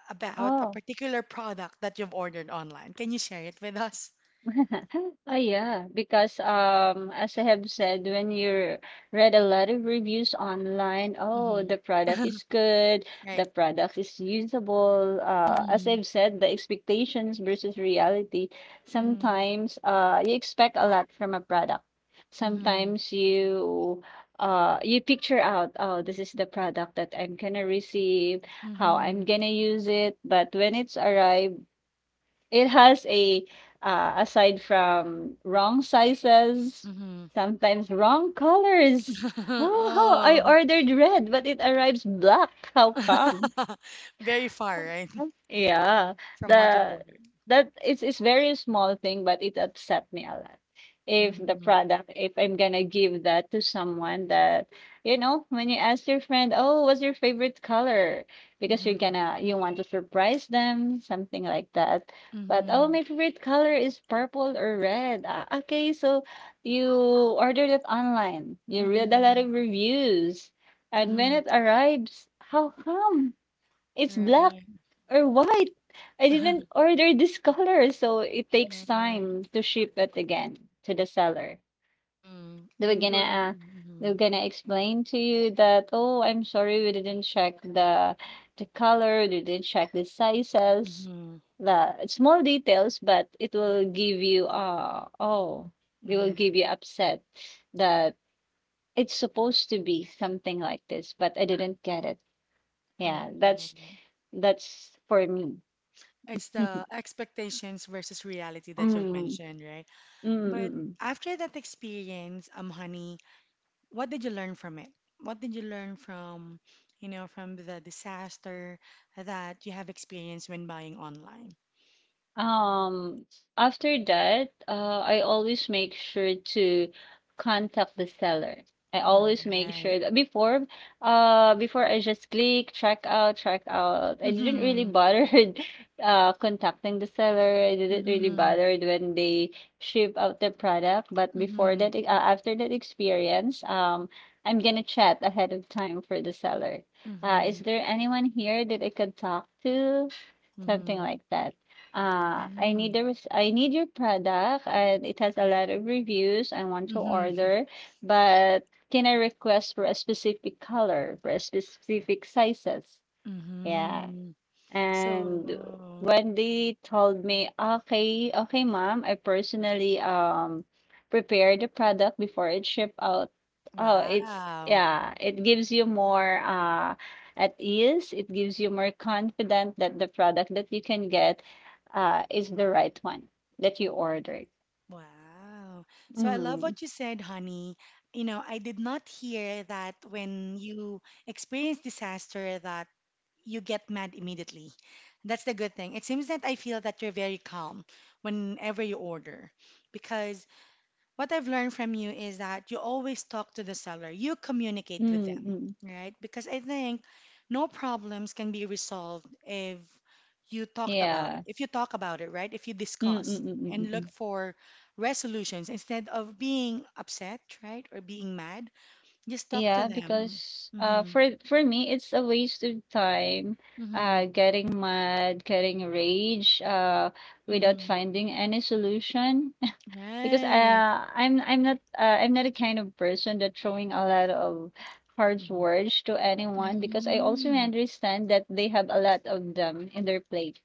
about a
Oh.
particular product that you've ordered online? Can you share it with us?
[laughs] Oh yeah, because as I have said, when you read a lot of reviews online, oh,
Mm-hmm.
the product is
[laughs]
good,
Right.
the product is usable. As
Mm-hmm.
I've said, the expectations versus reality.
Mm-hmm.
Sometimes you expect a lot from a product.
Mm-hmm.
Sometimes you you picture out, oh, this is the product that I'm gonna receive, how I'm gonna use it. But when it's arrived it has a aside from wrong sizes,
Mm-hmm. Mm-hmm.
sometimes wrong colors.
[laughs]
Oh, I
Oh.
ordered red, but it arrives black. How come?
[laughs] Very far, right?
Yeah,
[laughs] From what you've
the
ordered.
that it's very small thing, but it upset me a lot. If the
Mm-hmm.
product, if I'm gonna give that to someone that, you know, when you ask your friend, oh, what's your favorite color? Because you're
Mm-hmm.
gonna you want to surprise them, something like that. But oh,
Mm-hmm.
my favorite color is purple or red. Ah, okay, so you ordered it online. You read a lot
Mm-hmm.
of reviews, and when
Mm-hmm.
it arrives, how come it's black?
Right.
Or what? I didn't
[laughs]
order this [laughs] color, so it takes
Right.
time to ship it again to the seller.
Mm-hmm.
They were
And
gonna
you're.
uh, they
Mm-hmm.
were gonna explain to you that, oh, I'm sorry, we didn't check the color, we didn't check the sizes,
Mm-hmm.
the small details, but it will give you oh, it will
hmm
give you upset that it's supposed to be something like this, but I didn't get it. Yeah,
Right.
that's for me.
It's
[laughs]
the expectations versus reality that
Mm.
you've
嗯
mentioned, right?
嗯
But
嗯嗯
after that experience, honey, what did you learn from it? What did you learn from, you know, from the disaster that you have experienced when buying online?
Um, after that, I always make sure to contact the seller. I always make
Right.
sure that before, before I just click check out, check out. I didn't really
Mm-hmm.
bothered, [laughs] contacting the seller. I didn't really
Mm-hmm.
bothered when they ship out the product. But before
Mm-hmm.
that, after that experience, I'm gonna chat ahead of time for the seller. Is
Mm-hmm.
there anyone here that I could talk to? Something
Mm-hmm.
like that. I need the I need your product and it has a lot of reviews. I want to
Mm-hmm.
order, but can I request for a specific color, for a specific sizes? Yeah.
Mm-hmm.
And
So,
when they told me, "Okay, okay, ma'am, I personally prepared the product before it ship out." Oh, it's
wow.
yeah, it gives you more at ease. It gives you more confident that the product that you can get is the right one that you ordered.
Wow. So I love
Mm.
what you said, honey. You know, I did not hear that when you experience disaster that you get mad immediately. That's the good thing. It seems that I feel that you're very calm whenever you order because what I've learned from you is that you always talk to the seller, you communicate with them,
Mm-mm.
right? Because I think no problems can be resolved if you talked about it,
Yeah.
if you talk about it, right? If you discuss and look
Mm-mm.
for resolutions instead of being upset, right? Or being mad, just talk to
Yeah,
them.
because
Mm-hmm.
for me it's a waste of time
Mm-hmm.
getting mad, getting rage without
Mm-hmm.
finding any solution. Because,
Right.
I'm not, I'm not the kind of person that throwing a lot of harsh
Mm-hmm.
words to anyone, because I also
Mm.
understand that they have a lot of them in their plate.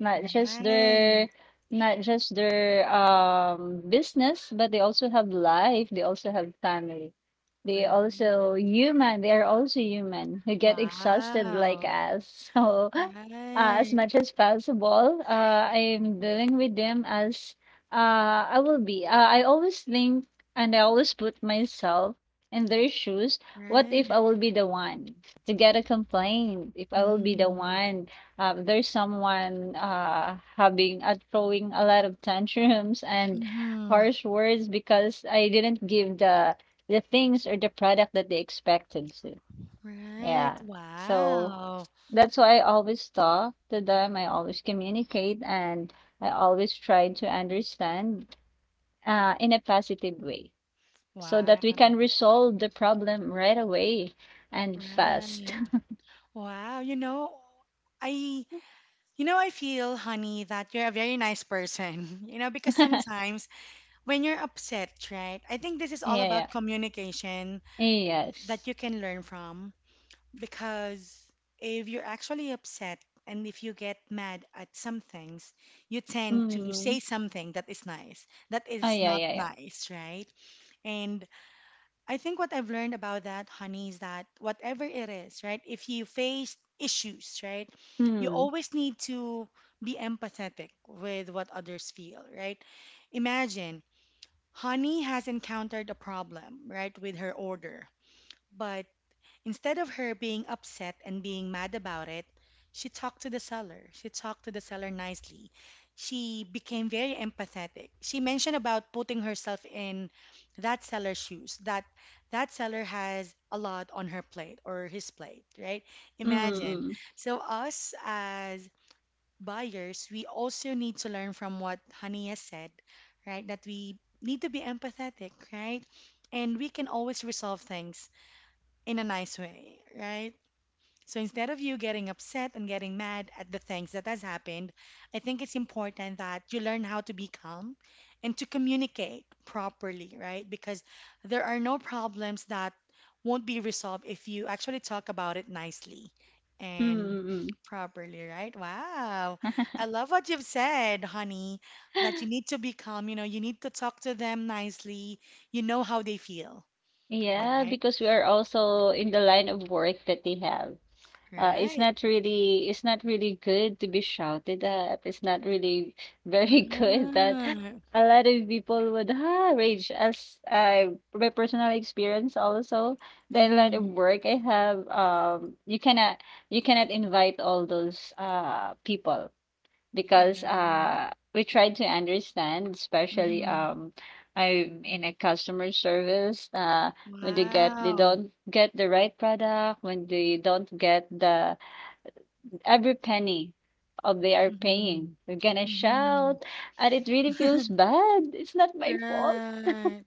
Not just
Right.
their not just their business, but they also have life, they also have family. They
Right.
also human, they are also human who get exhausted like
Wow.
us. [laughs] So as
Right.
much as possible, I'm dealing with them as I will be. I always think and I always put myself in their shoes. What if
Right.
I will be the one to get a complaint? If I will be the
Mm-hmm.
one, there's someone having throwing a lot of tantrums and
Mm-hmm.
harsh words, because I didn't give the things or the product that they expected to.
Right.
Yeah. So
Wow.
that's why I always talk to them. I always communicate and I always try to understand in a positive way, so
Wow.
that we can resolve the problem right away and fast.
Right. Wow. You know, you know, I feel, honey, that you're a very nice person. [laughs] You know, because
[laughs] Yeah,
sometimes when you're upset, right? I think this is all
yeah.
about communication that
Yes.
you can learn from. Because if you're actually upset and if you get mad at some things, you tend to
Mm.
say something that is nice, that
Ah,
is
yeah,
not
yeah, yeah.
nice, right? And I think what I've learned about that, honey, is that whatever it is, right? If you face issues, right? You
Mm.
always need to be empathetic with what others feel, right? Imagine Honey has encountered a problem, right, with her order, but instead of her being upset and being mad about it, she talked to the seller. She talked to the seller nicely. She became very empathetic. She mentioned about putting herself in that seller's shoes, that that seller has a lot on her plate or his plate, right?
Mm.
Imagine.
Mm.
So us as buyers, we also need to learn from what Honey has said, right? That we need to be empathetic, right? And we can always resolve things in a nice way, right? So instead of you getting upset and getting mad at the things that has happened, I think it's important that you learn how to be calm and to communicate properly, right? Because there are no problems that won't be resolved if you actually talk about it nicely and
Mm.
properly, right? Wow.
Mm.
I love what you've said, honey,
Mm.
that you
[laughs]
need to be calm, you know, you need to talk to them nicely. You know how they feel,
Yeah,
right?
because we are also in the line of work that they have. It's
Right.
not really it's not really good to be shouted at. It's not really very [laughs]
Right.
good that
Mm-hmm.
a lot of people would ah, rage as I my personal experience also the lot of work I have, you cannot invite all those people, because
Right.
we try to understand, especially
Mm-hmm.
I'm in a customer service. When they get they
Wow.
don't get the right product, when they don't get the every penny of they are paying.
Mm-hmm.
We're gonna
Mm-hmm.
shout, and it really feels bad. It's not my fault.
Right.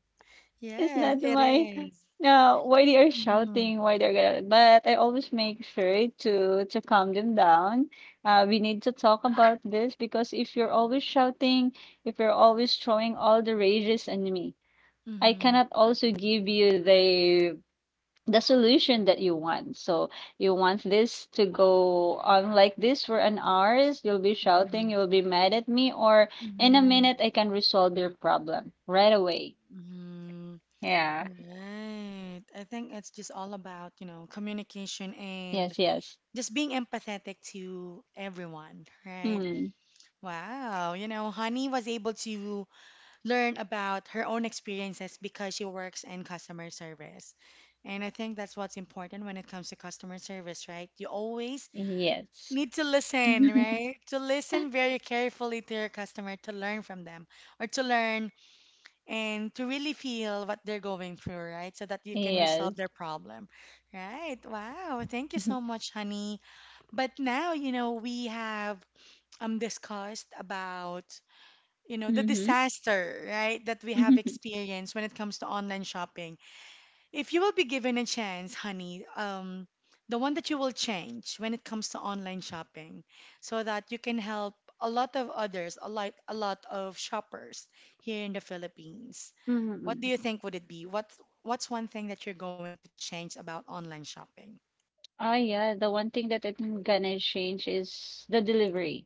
It's
Yes,
not
it
my
is.
no why they are
Mm-hmm.
shouting, why they're gonna. But I always make sure to calm them down. We need to talk about this, because if you're always shouting, if you're always throwing all the rages on me, I
Mm-hmm.
cannot also give you the solution that you want. So you want this to go on like this for an hours, you'll be
Mm-hmm.
shouting, you'll be mad at me, or in a
Mm-hmm.
minute I can resolve your problem right away.
Mm-hmm.
Yeah.
Right. I think it's just all about, you know, communication and
Yes, yes.
just being empathetic to everyone, right?
Mm.
Wow. You know, Honey was able to learn about her own experiences because she works in customer service. And I think that's what's important when it comes to customer service, right? You always
Yes.
need to listen,
[laughs]
right? To listen very carefully to your customer to learn from them or to learn and to really feel what they're going through, right? So that you can
Yes.
resolve their problem, right? Wow, thank you so
[laughs]
much, honey. But now, you know, we have discussed about you know, the
Mm-hmm.
disaster, right, that we have
[laughs]
experienced when it comes to online shopping. If you will be given a chance, honey, the one that you will change when it comes to online shopping, so that you can help a lot of others, a lot of shoppers here in the Philippines. What do
Mm-hmm.
you think would it be? What's one thing that you're going to change about online shopping?
Oh yeah, the one thing that I'm gonna change is the delivery.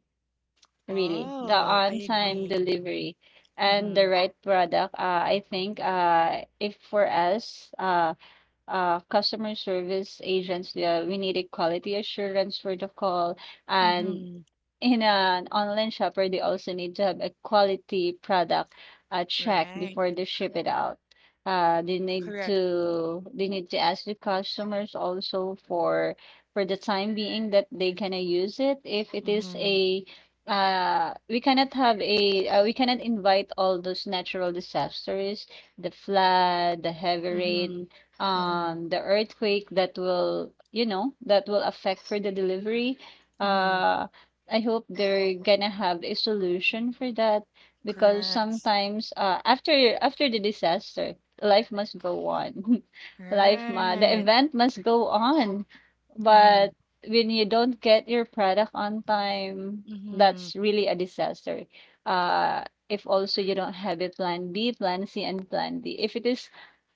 Really, the
Oh, I
on-time
agree.
delivery and
Mm-hmm.
the right product. I think if for us, customer service agents, we needed quality assurance for the call, and
Mm-hmm.
in an online shopper, they also need to have a quality product check
Right.
before they ship it out. They need
Correct.
to they need to ask the customers also for the time being that they gonna use it. If it is
Mm-hmm.
a we cannot have a we cannot invite all those natural disasters, the flood, the heavy
Mm-hmm.
rain,
Mm-hmm.
the earthquake that will you know that will affect for the delivery.
Mm-hmm.
Uh, I hope they're gonna have a solution for that, because
Correct.
sometimes after after the disaster, life must go on. [laughs] Life ma the
Right.
event must go on.
Mm-hmm.
But when you don't get your product on time,
Mm-hmm.
that's really a disaster. Uh if also you don't have a plan B, plan C, and plan D. If it is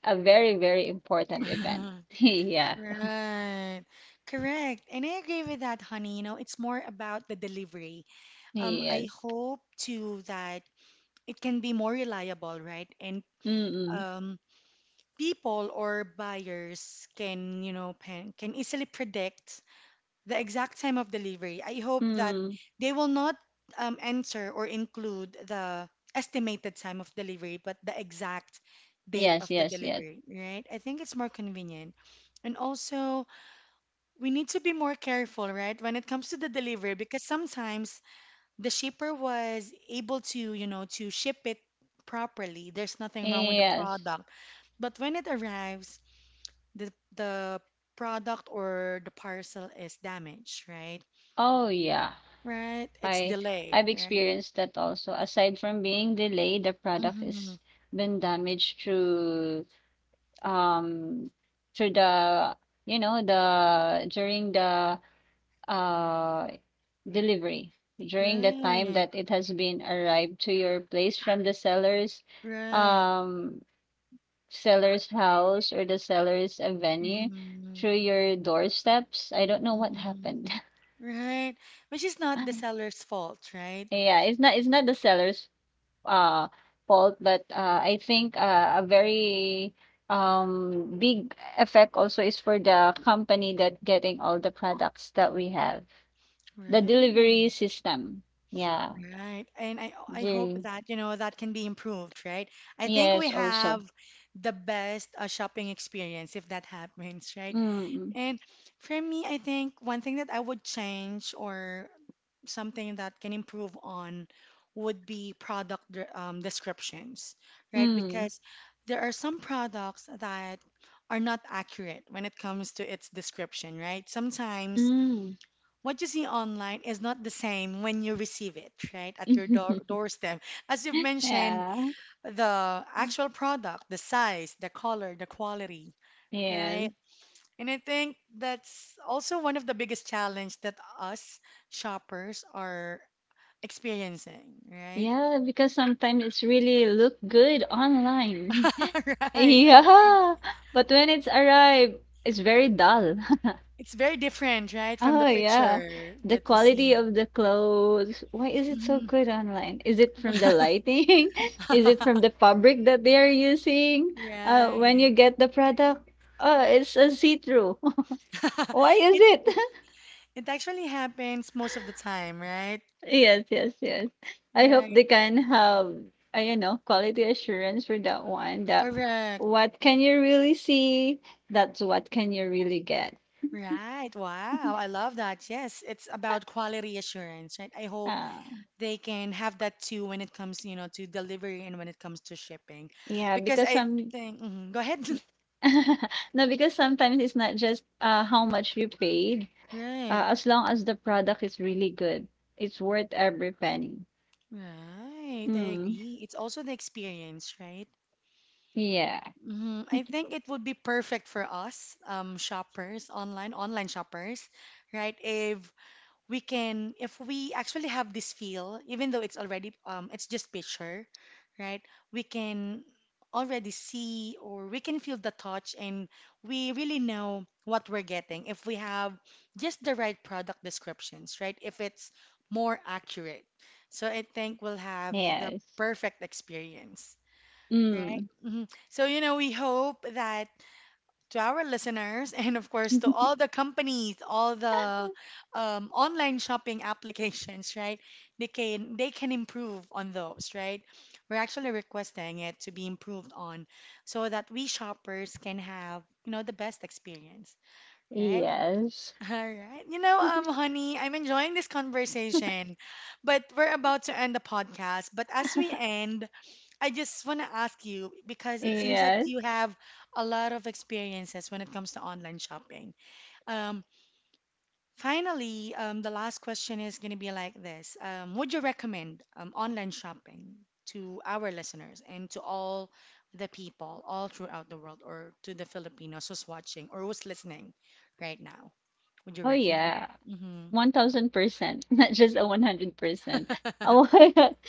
a very, very important event.
[laughs]
[laughs] Yeah.
Right. Correct. And I agree with that, honey. You know, it's more about the delivery. I
Yes.
hope too that it can be more reliable, right? And
Mm-mm.
um, people or buyers can, you know, can easily predict the exact time of delivery. I hope that
Mm.
they will not enter or include the estimated time of delivery, but the exact date
Yes,
of the
yes, yes.
delivery, right? I think it's more convenient. And also, we need to be more careful, right, when it comes to the delivery, because sometimes the shipper was able to, you know, to ship it properly. There's nothing wrong with the
Yes.
product. But when it arrives, the product or the parcel is damaged, right?
Oh, yeah.
Right. It's
I
delayed,
I've
right?
experienced that also. Aside from being delayed, the product
Mm-hmm.
is been damaged through um through the you know the during the uh delivery, during the time
Right.
that it has been arrived to your place from the seller's
Right.
um seller's house or the seller's venue
Mm-hmm.
through your doorsteps. I don't know what
Mm-hmm.
happened.
Right. Which is not the
[laughs]
seller's fault, right?
Yeah, it's not the seller's uh fault, but I think a very big effect also is for the company that getting all the products that we have. The delivery
Right.
system. Yeah.
Right. And I hope
The,
that, you know, that can be improved, right? I think we
yes, also.
have the best shopping experience if that happens, right?
Mm.
And for me, I think one thing that I would change or something that can improve on would be descriptions, right?
Mm.
Because there are some products that are not accurate when it comes to its description, right? Sometimes
Mm.
what you see online is not the same when you receive it, right, at your
[laughs]
doorstep. As you've mentioned,
Yeah.
the actual product, the size, the color, the quality, right?
Yes.
And I think that's also one of the biggest challenge that us shoppers are experiencing, right?
Yeah, because sometimes it's really look good online.
[laughs]
[laughs]
Right, I agree.
Yeah, [laughs] but when it's arrived, it's very dull. [laughs]
It's very different, right, from
Oh
the
yeah.
picture
The
that we
quality
see.
of the clothes. Why is it so
Mhm.
good online? Is it from the
[laughs]
lighting? [laughs] Is it from the fabric that they are using? When you
Right.
get the product, oh, it's a see-through. [laughs]
[laughs]
Why is
It
it? [laughs]
it actually happens most of the time, right?
Yes, yes, yes. I hope
Right.
they can have, you know, quality assurance for that one. That
Correct.
what can you really see? That's what can you really get.
Right. Wow. I love that. Yes, it's about quality assurance, right? I hope
Uh,
they can have that too when it comes, you know, to delivery and when it comes to shipping.
Yeah,
Because
because
I
some
think, mhm, go ahead. [laughs]
[laughs] no, because sometimes it's not just how much you paid.
Right.
As long as the product is really good, it's worth every penny.
Right, I
Mm.
agree. It's also the experience, right?
Yeah.
I think it would be perfect for us, shoppers, online shoppers, right? If we can if we actually have this feel even though it's already it's just picture right we can already see or we can feel the touch and we really know what we're getting if we have just the right product descriptions right if it's more accurate so I think we'll have the
Yes.
perfect experience right.
Mm.
Mhm. So you know we hope that to our listeners, and of course to all
[laughs]
the companies, all the online shopping applications, right? They can improve on those, right? We're actually requesting it to be improved on, so that we shoppers can have you know the best experience, right?
Yes.
[laughs] All right. You know,
[laughs]
honey, I'm enjoying this conversation, but we're about to end the podcast. But as we end, I just want to ask you because it seems that
Yes.
you have a lot of experiences when it comes to online shopping. Um, finally, the last question is going to be like this. Would you recommend online shopping to our listeners and to all the people all throughout the world or to the Filipinos who's watching or who's listening right now? Would you
Oh
recommend
yeah.
it?
1,000%, [laughs] not just a 100%. I
Mm-hmm.
would, [laughs]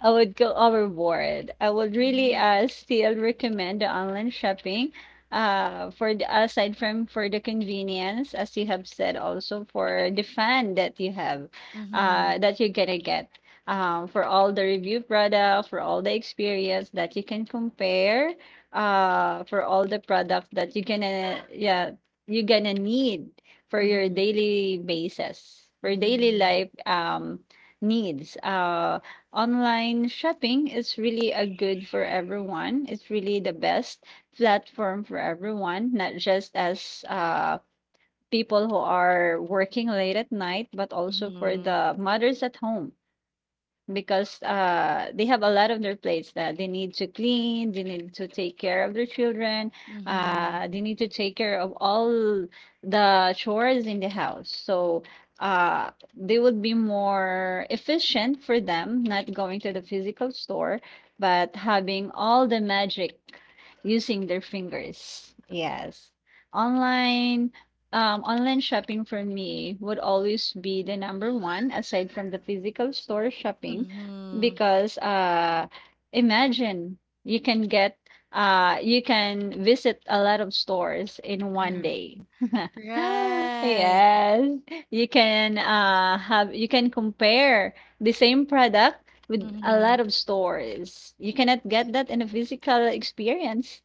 I would go overboard. I would really
[laughs]
still recommend the online shopping for the, aside from for the convenience, as you have said, also for the fun that you have,
Mm-hmm.
that you're gonna get. For all the review product, for all the experience that you can compare, for all the product that you're gonna, yeah, you're gonna need for your
Mm-hmm.
daily basis, for daily
Mm-hmm.
life, needs. Online shopping is really a good for everyone. It's really the best platform for everyone, not just as people who are working late at night, but also for
Mm-hmm.
the mothers at home, because they have a lot on their plates that they need to clean, they need to take care of their children,
Mm-hmm.
they need to take care of all the chores in the house. So they would be more efficient for them, not going to the physical store, but having all the magic using their fingers. Yes. Online Online shopping for me would always be the number one aside from the physical store shopping,
Mm-hmm.
because imagine you can get you can visit a lot of stores in one
Mhm.
day. [laughs]
Right.
Yes, you can have you can compare the same product with a
Mm-hmm.
lot of stores. You cannot get that in a physical experience,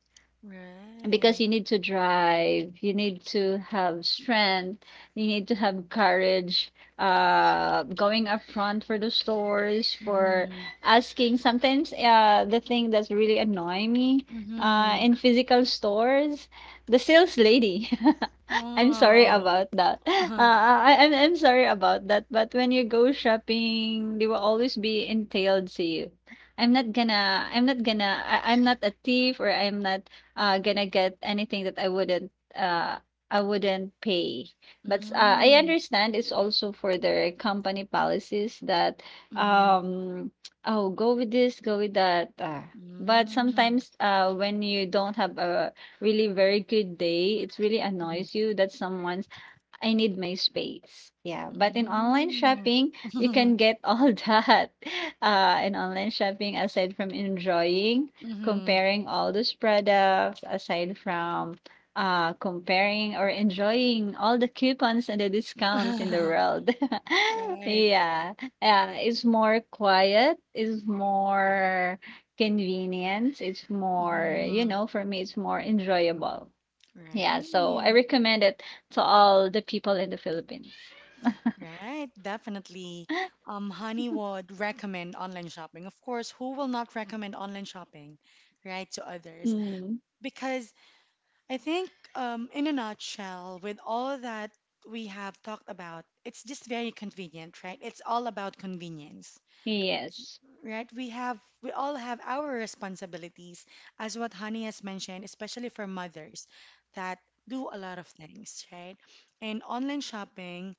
because
Right.
you need to drive, you need to have strength, you need to have courage going up front for the stores for
Mm-hmm.
asking sometimes the thing that's really annoying me
Mm-hmm.
in physical stores, the sales lady. [laughs] I'm sorry
Wow.
about that.
Uh-huh.
I'm sorry about that. But when you go shopping, they will always be entailed to you. I'm not a thief, or I'm not gonna get anything that I wouldn't pay. But I
Mm-hmm.
understand it's also for their company policies that
Mm-hmm.
um [tsk] oh, go with this, go with that. But
Mm-hmm.
sometimes when you don't have a really very good day, it really
Mm-hmm.
annoys you that someone I need my space. Yeah, but in online shopping, you
Mm-hmm.
can get all [laughs] that. In online shopping, aside from enjoying,
Mm-hmm.
comparing all those products, aside from comparing or enjoying all the coupons and the discounts in the
[laughs]
world. [laughs]
Right.
Yeah, yeah, it's more quiet, it's more convenience, it's more, you
Mm-hmm.
know, for me, it's more enjoyable. Yeah, so I
Right.
recommend it to all the people in the Philippines.
Right. Definitely.
[laughs]
Honey would recommend online shopping. Of course, who will not recommend online shopping, right, to others?
Mm,
Because I think, in a nutshell, with all that we have talked about, it's just very convenient, right? It's all about convenience,
yes.
right? We all have our responsibilities, as what Honey has mentioned, especially for mothers that do a lot of things, right? And online shopping,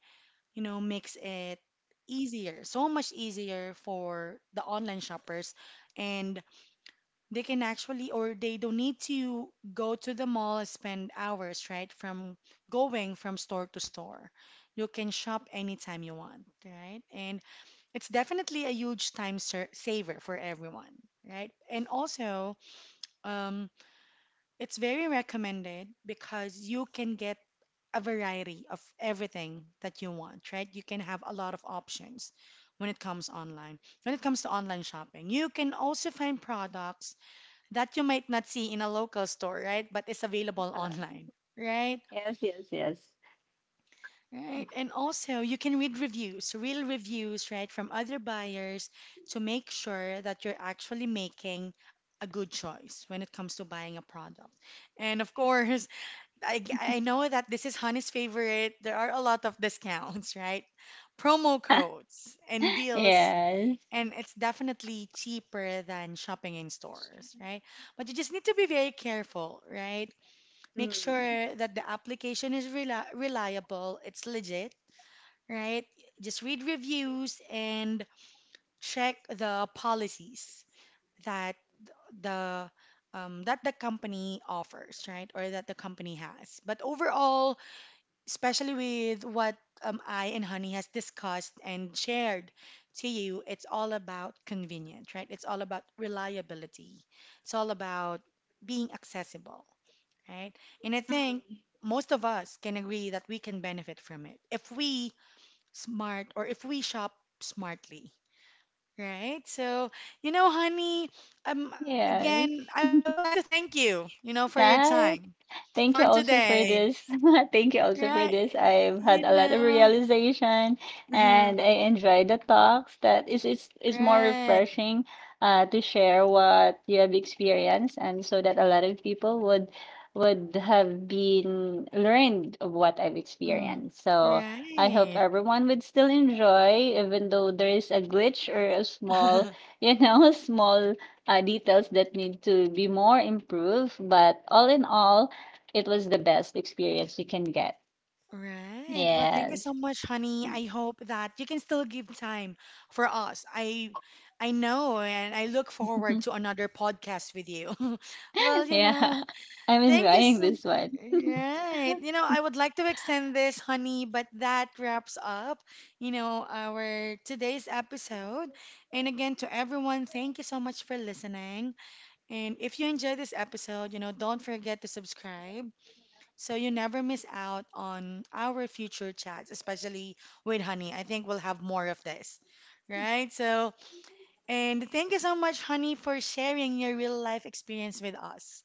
you know, makes it easier, so much easier for the online shoppers and they can actually, or they don't need to go to the mall and spend hours, right? From going from store to store. You can shop anytime you want, right? And it's definitely a huge saver for everyone, right? And also, um, it's very recommended because you can get a variety of everything that you want, right? You can have a lot of options when it comes online. When it comes to online shopping, you can also find products that you might not see in a local store, right? But it's available
Uh,
online, right?
yes, yes, yes.
Right. And also, you can read reviews, real reviews, right, from other buyers to make sure that you're actually making a good choice when it comes to buying a product. And of course, I know that this is Honey's favorite. There are a lot of discounts, [laughs] right? Promo
[laughs]
codes and deals.
Yes.
And it's definitely cheaper than shopping in stores, right? But you just need to be very careful, right? Make
Mm.
sure that the application is reliable, it's legit, right? Just read reviews and check the policies that the that the company offers, right? Or that the company has. But overall, especially with what I and Honey has discussed and shared to you, it's all about convenience, right? It's all about reliability. It's all about being accessible right? And I think
Mm.
most of us can agree that we can benefit from it if we smart or if we shop smartly, right? So, you know, honey, um,
Yes.
again, I would like to thank you, you know, for your
Bye.
time for
Thank you also for
today,
this. [laughs] Thank you also
right?
for this. I've
You
had a lot of
know,
realization, and
[laughs]
I enjoy the talks that is it's more
right.
refreshing to share what you have experienced, and so that a lot of people would have been learned of what I've
Mhm.
experienced. So I hope
Right.
everyone would still enjoy even though there is a glitch or a small,
[laughs]
you know, [laughs] small details that need to be more improved. But all in all, it was the best experience you can get.
Right. Well, thank you
Yes.
so much, honey. I hope that you can still give time for us. I know and I look forward
[laughs]
to another podcast with you. [laughs] Well, you
Yeah.
know,
I'm
thank you
enjoying
so
this one.
right. You know, I would like to extend this, honey, but that wraps up, you know, our today's episode. And again, to everyone, thank you so much for listening. And if you enjoyed this episode, you know, don't forget to subscribe so you never miss out on our future chats, especially with Honey. I think we'll have more of this, right? So, and thank you so much, Honey, for sharing your real life experience with us,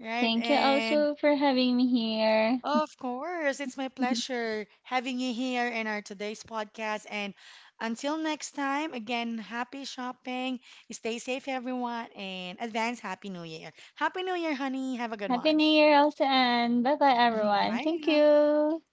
right?
Thank you
And
also for having me here.
of course, it's my
[laughs]
pleasure having you here in our today's podcast. And until next time, again, happy shopping. Stay safe, everyone, and advance Happy New Year. Happy New Year, Honey. Have a good
Happy
one.
New Year also, and bye bye
[laughs]
everyone.
Bye
Thank
now.
you.